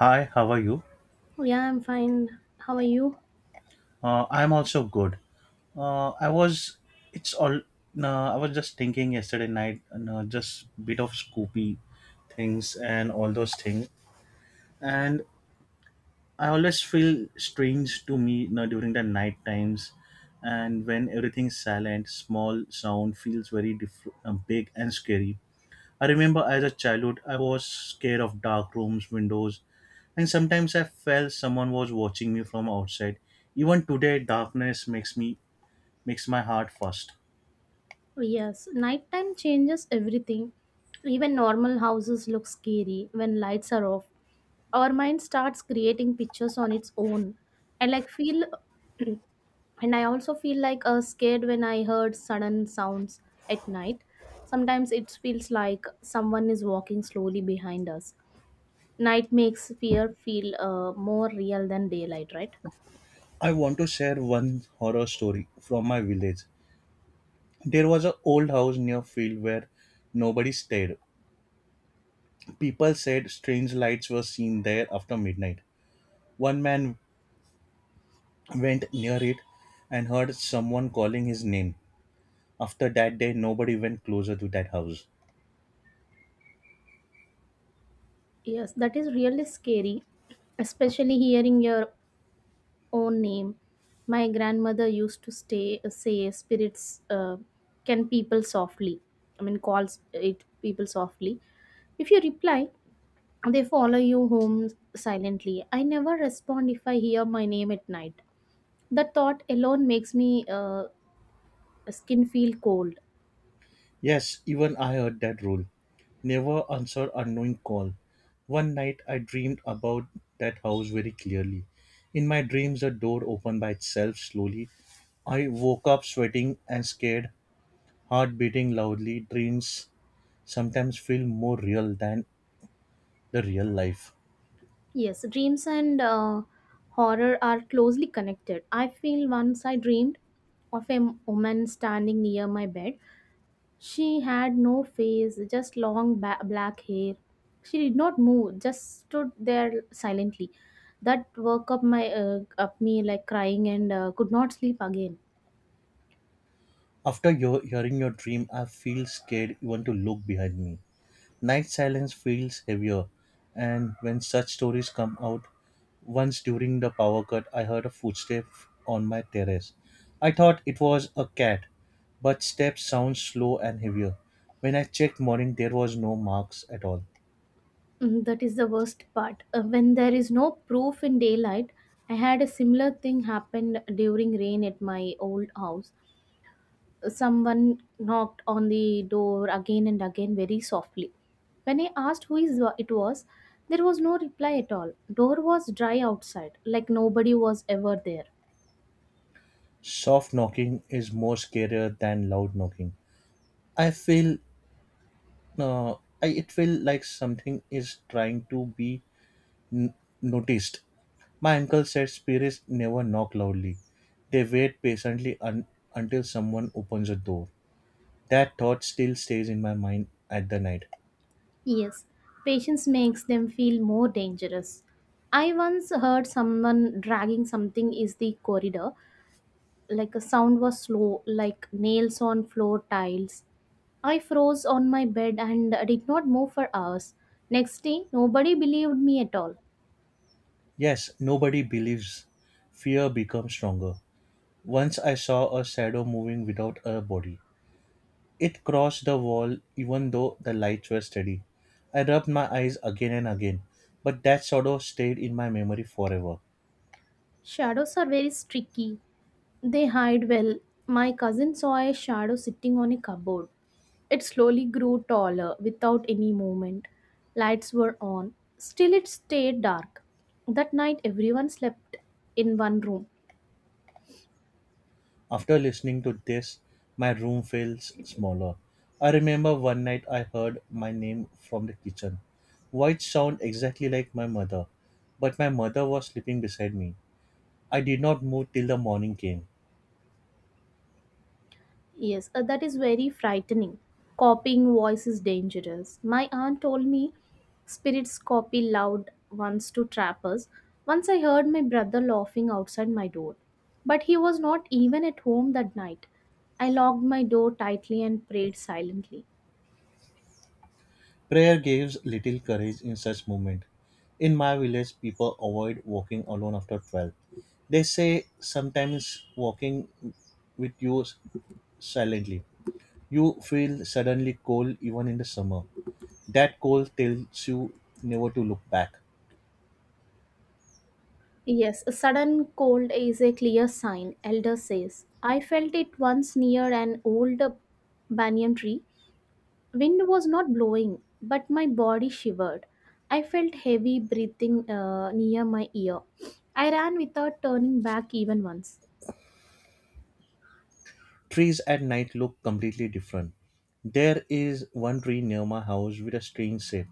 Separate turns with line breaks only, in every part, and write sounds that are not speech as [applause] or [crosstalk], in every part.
Hi, how are you?
Oh, yeah, I'm fine. How are you?
I'm also good. Uh, I was. It's all. No, I was just thinking yesterday night. No, Just bit of Scoopy things and all those things. And I always feel strange to me. No, During the night times, and when everything's silent, small sound feels big and scary. I remember as a childhood, I was scared of dark rooms, windows, and sometimes I felt someone was watching me from outside. Even today, darkness makes my heart fast.
Oh, yes, nighttime changes everything. Even normal houses look scary when lights are off. Our mind starts creating pictures on its own. I like feel and I also feel like scared when I heard sudden sounds at night. Sometimes it feels like someone is walking slowly behind us. Night makes fear feel more real than daylight, right?
I want to share one horror story from my village. There was an old house near field where nobody stayed. People said strange lights were seen there after midnight. One man went near it and heard someone calling his name. After that day, nobody went closer to that house.
Yes, that is really scary, especially hearing your own name. My grandmother used to stay say spirits can people softly. I mean calls it people softly. If you reply, they follow you home silently. I never respond if I hear my name at night. The thought alone makes me skin feel cold.
Yes, even I heard that rule. Never answer unknown call. One night I dreamed about that house very clearly. In my dreams a door opened by itself slowly. I woke up sweating and scared, heart beating loudly. Dreams sometimes feel more real than the real life.
Yes, dreams and horror are closely connected. I feel once I dreamed of a woman standing near my bed. She had no face, just long black hair. She did not move, just stood there silently. That woke up my up me like crying and could not sleep again.
After hearing your dream, I feel scared even to look behind me. Night silence feels heavier, and when such stories come out, once during the power cut, I heard a footstep on my terrace. I thought it was a cat, but steps sound slow and heavier. When I checked morning, there was no marks at all.
Mm, that is the worst part. When there is no proof in daylight, I had a similar thing happened during rain at my old house. Someone knocked on the door again and again very softly. When I asked who is it was, there was no reply at all. Door was dry outside, like nobody was ever there.
Soft knocking is more scarier than loud knocking. I feel, uh, I, it feel like something is trying to be n- noticed. My uncle said spirits never knock loudly. They wait patiently until someone opens a door. That thought still stays in my mind at the night.
Yes, patience makes them feel more dangerous. I once heard someone dragging something is the corridor. Like a sound was slow, like nails on floor tiles. I froze on my bed and did not move for hours. Next day, nobody believed me at all.
Yes, nobody believes. Fear becomes stronger. Once I saw a shadow moving without a body. It crossed the wall even though the lights were steady. I rubbed my eyes again and again, but that shadow stayed in my memory forever.
Shadows are very tricky. They hide well. My cousin saw a shadow sitting on a cupboard. It slowly grew taller without any movement. Lights were on. Still, it stayed dark. That night, everyone slept in one room.
After listening to this, my room feels smaller. I remember one night I heard my name from the kitchen, which sound exactly like my mother, but my mother was sleeping beside me. I did not move till the morning came.
Yes, that is very frightening. Copying voice is dangerous. My aunt told me spirits copy loud ones to trappers. Once I heard my brother laughing outside my door, but he was not even at home that night. I locked my door tightly and prayed silently.
Prayer gives little courage in such moment. In my village, people avoid walking alone after 12. They say sometimes walking with you silently. You feel suddenly cold even in the summer. That cold tells you never to look back.
Yes, a sudden cold is a clear sign, elder says. I felt it once near an old banyan tree. Wind was not blowing, but my body shivered. I felt heavy breathing near my ear. I ran without turning back even once.
Trees at night look completely different. There is one tree near my house with a strange shape.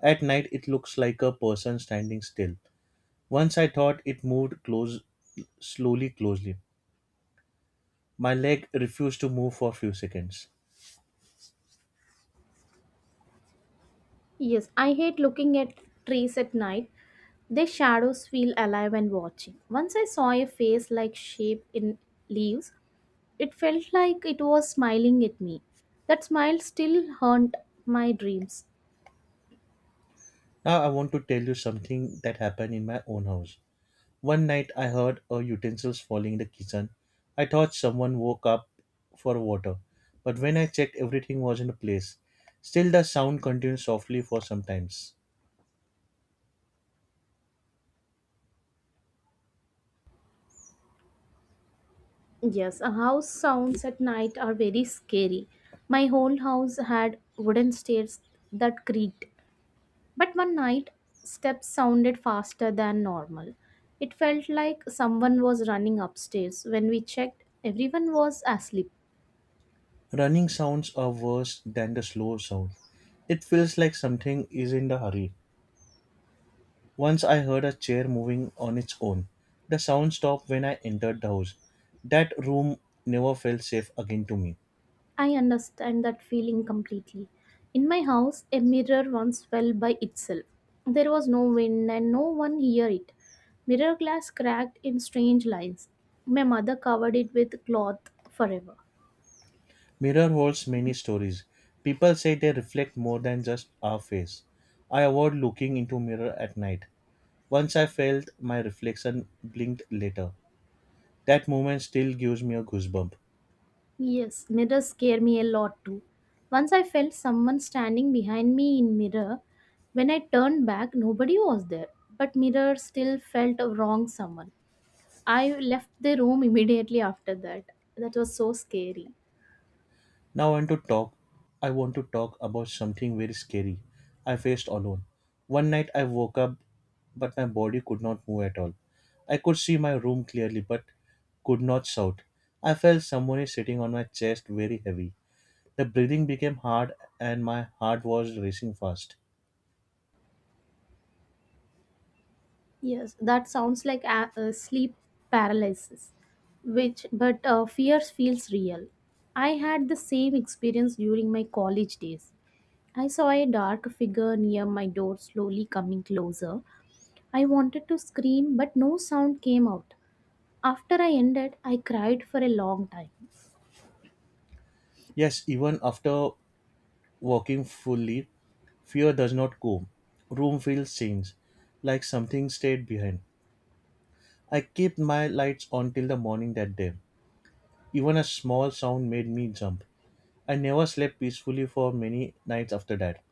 At night, it looks like a person standing still. Once I thought it moved close, slowly, closely. My leg refused to move for a few seconds.
Yes, I hate looking at trees at night. Their shadows feel alive and watching. Once I saw a face like shape in leaves. It felt like it was smiling at me. That smile still haunt my dreams.
Now I want to tell you something that happened in my own house. One night I heard a utensils falling in the kitchen. I thought someone woke up for water, but when I checked everything was in place. Still the sound continued softly for some times.
Yes, a house sounds at night are very scary. My whole house had wooden stairs that creaked, but one night steps sounded faster than normal. It felt like someone was running upstairs. When we checked, everyone was asleep.
Running sounds are worse than the slow sound. It feels like something is in a hurry. Once I heard a chair moving on its own. The sound stopped when I entered the house. That room never felt safe again to me.
I understand that feeling completely. In my house, a mirror once fell by itself. There was no wind and no one hear it. Mirror glass cracked in strange lines. My mother covered it with cloth forever.
Mirror holds many stories. People say they reflect more than just our face. I avoid looking into mirror at night. Once I felt my reflection blinked later. That moment still gives me a goosebump.
Yes, mirrors scare me a lot too. Once I felt someone standing behind me in mirror. When I turned back, nobody was there, but mirror still felt a wrong someone. I left the room [laughs] immediately after that. That was so scary.
Now I want to talk. I want to talk about something very scary. I faced alone. One night I woke up, but my body could not move at all. I could see my room clearly, but could not shout. I felt someone is sitting on my chest very heavy. The breathing became hard and my heart was racing fast.
Yes, that sounds like a sleep paralysis, which but fears feels real. I had the same experience during my college days. I saw a dark figure near my door slowly coming closer. I wanted to scream, but no sound came out. After I ended, I cried for a long time.
Yes, even after walking fully, fear does not go. Room feels strange, like something stayed behind. I kept my lights on till the morning that day. Even a small sound made me jump. I never slept peacefully for many nights after that.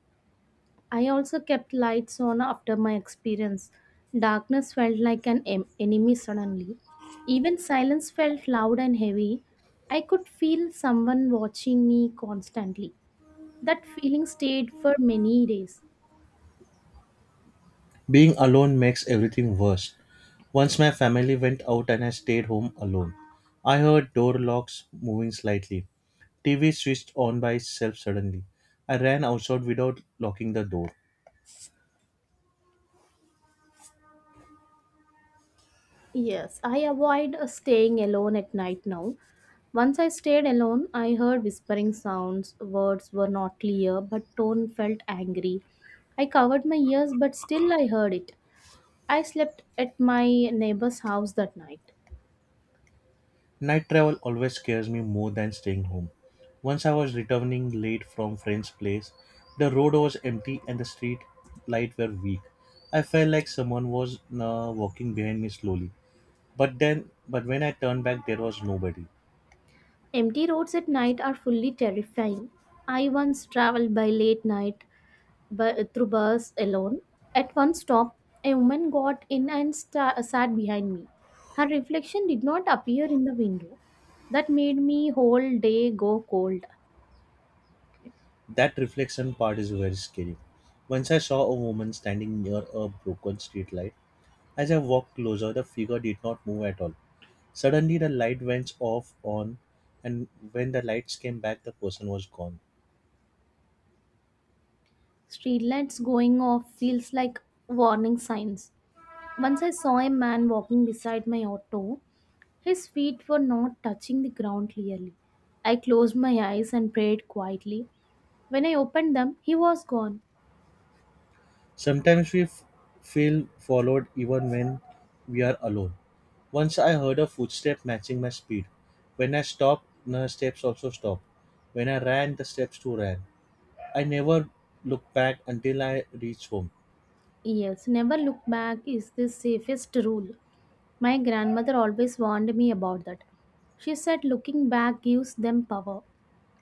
I also kept lights on after my experience. Darkness felt like an enemy suddenly. Even silence felt loud and heavy. I could feel someone watching me constantly. That feeling stayed for many days.
Being alone makes everything worse. Once my family went out and I stayed home alone. I heard door locks moving slightly. TV switched on by itself suddenly. I ran outside without locking the door.
Yes, I avoid staying alone at night now. Once I stayed alone, I heard whispering sounds. Words were not clear, but tone felt angry. I covered my ears, but still I heard it. I slept at my neighbor's house that night.
Night travel always scares me more than staying home. Once I was returning late from friend's place, the road was empty and the street lights were weak. I felt like someone was walking behind me slowly. But when I turned back, there was nobody.
Empty roads at night are fully terrifying. I once traveled by late night, through bus alone. At one stop, a woman got in and sat behind me. Her reflection did not appear in the window. That made me whole day go cold.
That reflection part is very scary. Once I saw a woman standing near a broken streetlight. As I walked closer, the figure did not move at all. Suddenly, the light went off on, and when the lights came back, the person was gone.
Streetlights going off feels like warning signs. Once I saw a man walking beside my auto. His feet were not touching the ground clearly. I closed my eyes and prayed quietly. When I opened them, he was gone.
Sometimes feel followed even when we are alone. Once I heard a footstep matching my speed. When I stopped, the steps also stopped. When I ran, the steps too ran. I never looked back until I reached home.
Yes, never look back is the safest rule. My grandmother always warned me about that. She said looking back gives them power.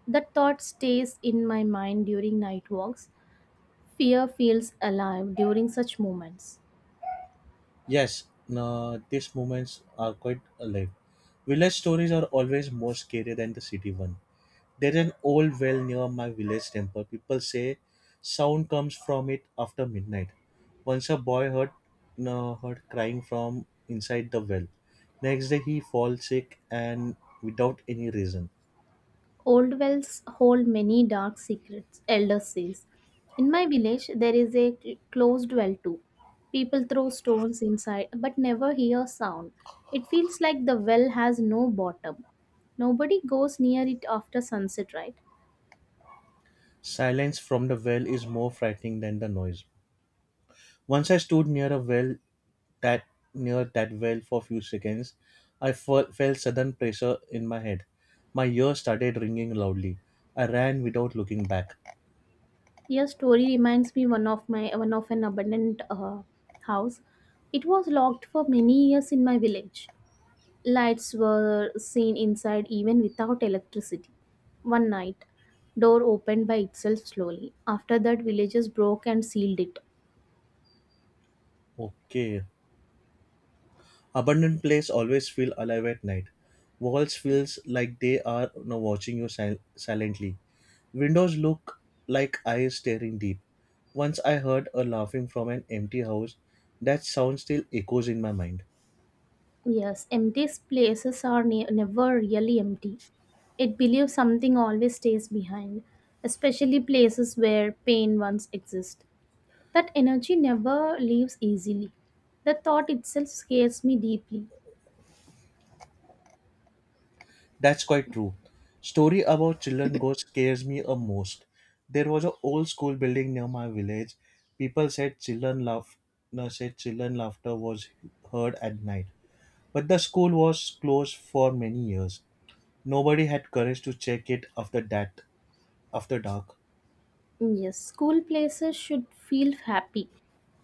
That thought stays in my mind during night walks. Fear feels alive during such moments.
Yes, no, These moments are quite alive. Village stories are always more scary than the city one. There's an old well near my village temple. People say sound comes from it after midnight. Once a boy heard, no, heard crying from inside the well. Next day he falls sick and without any reason.
Old wells hold many dark secrets, elder says. In my village, there is a closed well too. People throw stones inside but never hear sound. It feels like the well has no bottom. Nobody goes near it after sunset, right?
Silence from the well is more frightening than the noise. Once I stood near a well that near that well for a few seconds, felt sudden pressure in my head. My ears started ringing loudly. I ran without looking back.
Your story reminds me one of my one of an abandoned house. It was locked for many years in my village. Lights were seen inside even without electricity. One night, door opened by itself slowly. After that, villagers broke and sealed it.
Okay. Abandoned place always feel alive at night. Walls feels like they are now watching you silently. Windows look like eyes staring deep. Once I heard a laughing from an empty house. That sound still echoes in my mind.
Yes, empty places are never really empty. It believes something always stays behind, especially places where pain once exists. That energy never leaves easily. The thought itself scares me deeply.
That's quite true. Story about children ghost scares me a most. There was a old school building near my village. People said children laugh no, said children laughter was heard at night. But the school was closed for many years. Nobody had courage to check it after that after dark.
Yes, school places should feel happy,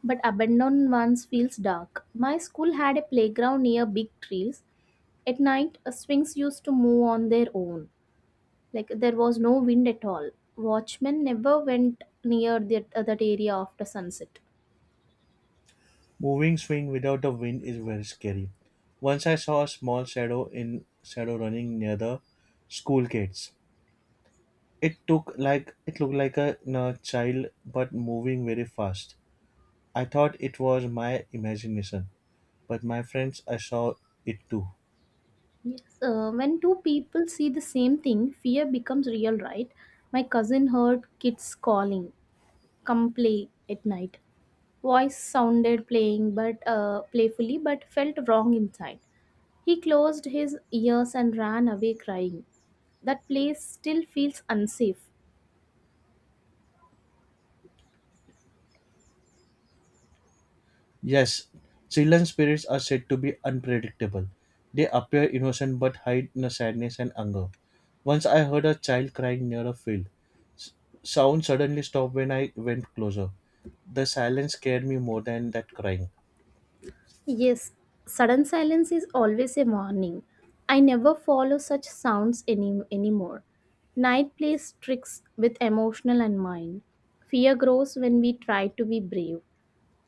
but abandoned ones feels dark. My school had a playground near big trees. At night, swings used to move on their own. Like there was no wind at all. Watchmen never went near that area after sunset.
Moving swing without the wind is very scary. Once I saw a small shadow running near the school gates. It looked like a you know, child but moving very fast. I thought it was my imagination, but my friends I saw it too.
Yes, when two people see the same thing, fear becomes real, right? My cousin heard kids calling. Come play at night. Voice sounded playing but playfully but felt wrong inside. He closed his ears and ran away crying. That place still feels unsafe.
Yes, children spirits are said to be unpredictable. They appear innocent but hide you sadness and anger. Once I heard a child crying near a field. S- Sound suddenly stopped when I went closer. The silence scared me more than that crying.
Yes, sudden silence is always a warning. I never follow such sounds any anymore. Night plays tricks with emotional and mind. Fear grows when we try to be brave.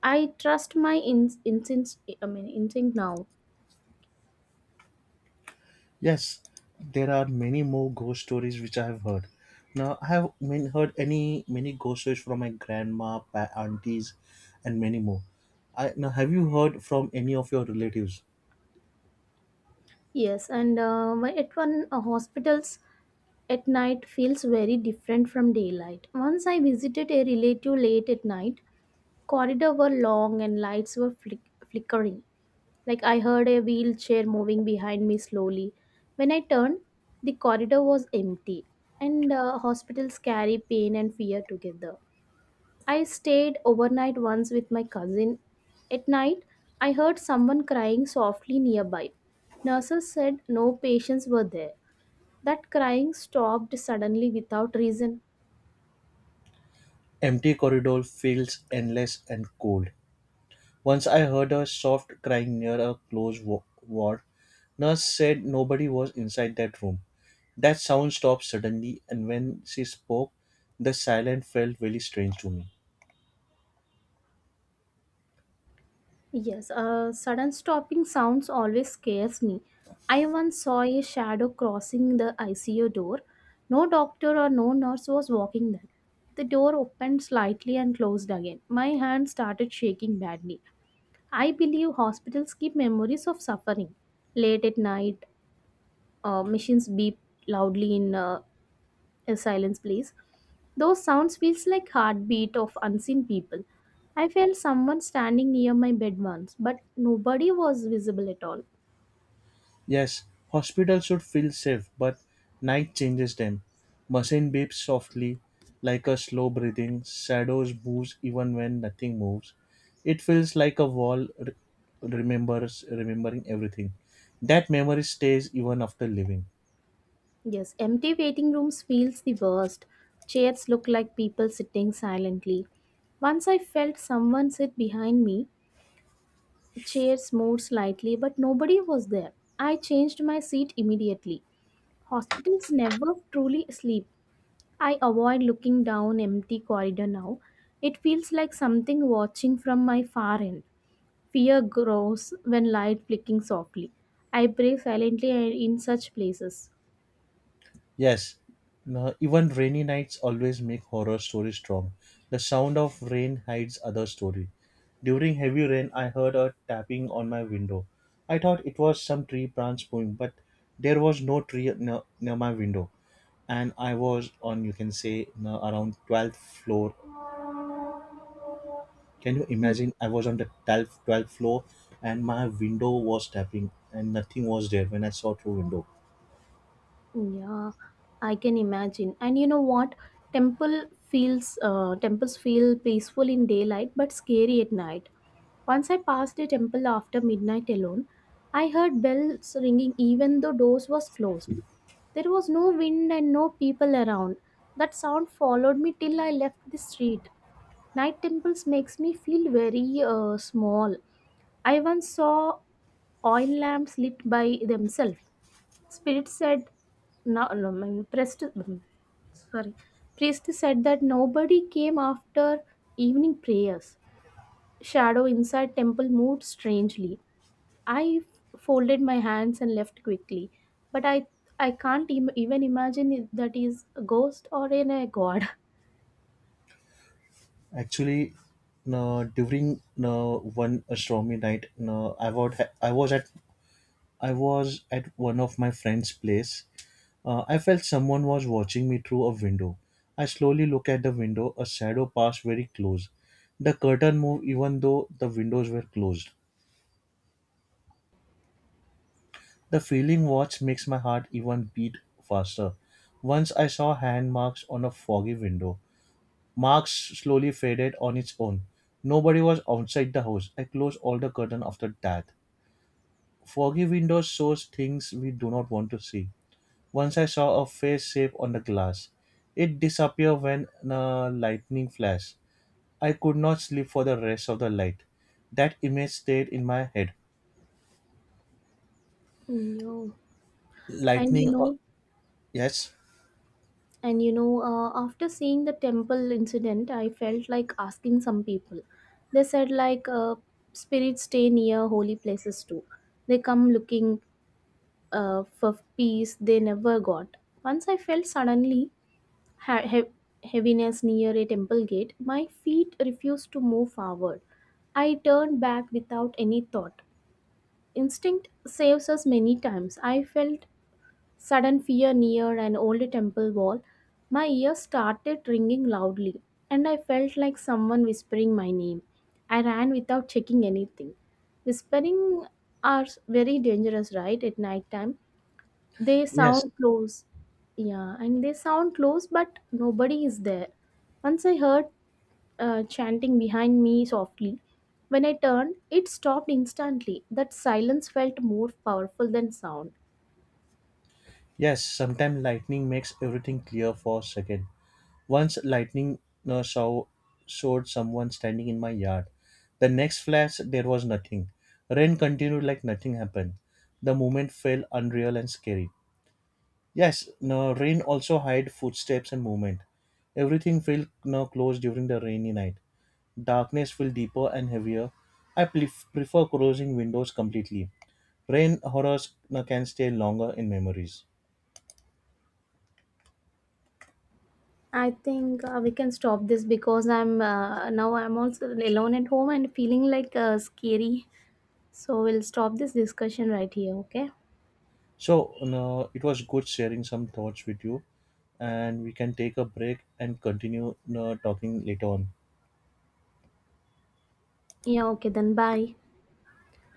I trust my instinct, I mean, instinct now.
Yes, there are many more ghost stories which I have heard. I have mean, heard any many ghost stories from my grandma, aunties, and many more. Have you heard from any of your relatives?
Yes, and why at one hospitals at night feels very different from daylight. Once I visited a relative late at night, corridor were long and lights were flickering. Like I heard a wheelchair moving behind me slowly. When I turned, the corridor was empty, and hospitals carry pain and fear together. I stayed overnight once with my cousin. At night, I heard someone crying softly nearby. Nurses said no patients were there. That crying stopped suddenly without reason.
Empty corridor feels endless and cold. Once I heard a soft crying near a closed ward. Nurse said nobody was inside that room. That sound stopped suddenly, and when she spoke, the silence felt really strange to me.
Yes, sudden stopping sounds always scares me. I once saw a shadow crossing the ICU door. No doctor or no nurse was walking there. The door opened slightly and closed again. My hand started shaking badly. I believe hospitals keep memories of suffering. Late at night, machines beep loudly in a silence place. Those sounds feels like heartbeat of unseen people. I felt someone standing near my bed once, but nobody was visible at all.
Yes, hospitals should feel safe, but night changes them. Machine beeps softly, like a slow breathing. Shadows move even when nothing moves. It feels like a wall re- remembers remembering everything. That memory stays even after leaving.
Yes, empty waiting rooms feels the worst. Chairs look like people sitting silently. Once I felt someone sit behind me. The chair moved slightly, but nobody was there. I changed my seat immediately. Hospitals never truly sleep. I avoid looking down empty corridor now. It feels like something watching from my far end. Fear grows when light flicking softly. I pray silently in such places.
Yes, no, Even rainy nights always make horror stories strong. The sound of rain hides other story. During heavy rain, I heard a tapping on my window. I thought it was some tree branch moving, but there was no tree near my window. And I was on, you can say, no, around 12th floor. Can you imagine? I was on the 12th floor and my window was tapping and nothing was there when I saw through window.
Yeah, I can imagine. And you know what? Temple feels temples feel peaceful in daylight but scary at night. Once I passed a temple after midnight alone, I heard bells ringing even though doors was closed. There was no wind and no people around. That sound followed me till I left the street. Night temples makes me feel very small. I once saw oil lamps lit by themselves. Spirit said, no, no, priest, sorry, priest said that nobody came after evening prayers. Shadow inside temple moved strangely. I folded my hands and left quickly, but I can't even imagine if that is a ghost or in a god.
Actually, no, during no, One stormy night, no, I was at one of my friend's place. I felt someone was watching me through a window. I slowly look at the window. A shadow passed very close. The curtain moved even though the windows were closed. The feeling watch makes my heart even beat faster. Once I saw hand marks on a foggy window. Marks slowly faded on its own. Nobody was outside the house. I closed all the curtains after that. Foggy windows shows things we do not want to see. Once I saw a face shape on the glass. It disappeared when a lightning flashed. I could not sleep for the rest of the night. That image stayed in my head.
No, and you
Lightning, uh,
know.
yes,
And you know, after seeing the temple incident, I felt like asking some people. They said like spirits stay near holy places too. They come looking for peace they never got. Once I felt suddenly heaviness near a temple gate. My feet refused to move forward. I turned back without any thought. Instinct saves us many times. I felt sudden fear near an old temple wall, my ears started ringing loudly, and I felt like someone whispering my name. I ran without checking anything. Whispering are very dangerous, right? At night time, they
yes,
sound close. Yeah, and they sound close, but nobody is there. Once I heard chanting behind me softly. When I turned, it stopped instantly. That silence felt more powerful than sound.
yes. Sometimes lightning makes everything clear for a second. Once lightning uh, show, showed someone standing in my yard. The next flash, there was nothing. Rain continued like nothing happened. The moment felt unreal and scary. Yes, no, Rain also hide footsteps and movement. Everything felt now closed during the rainy night. Darkness felt deeper and heavier. Prefer closing windows completely. Rain horrors now can stay longer in memories.
I think we can stop this because I'm now I'm also alone at home and feeling like scary. So we'll stop this discussion right here, okay?
So no, It was good sharing some thoughts with you, and we can take a break and continue no, talking later on.
Yeah, okay, then bye.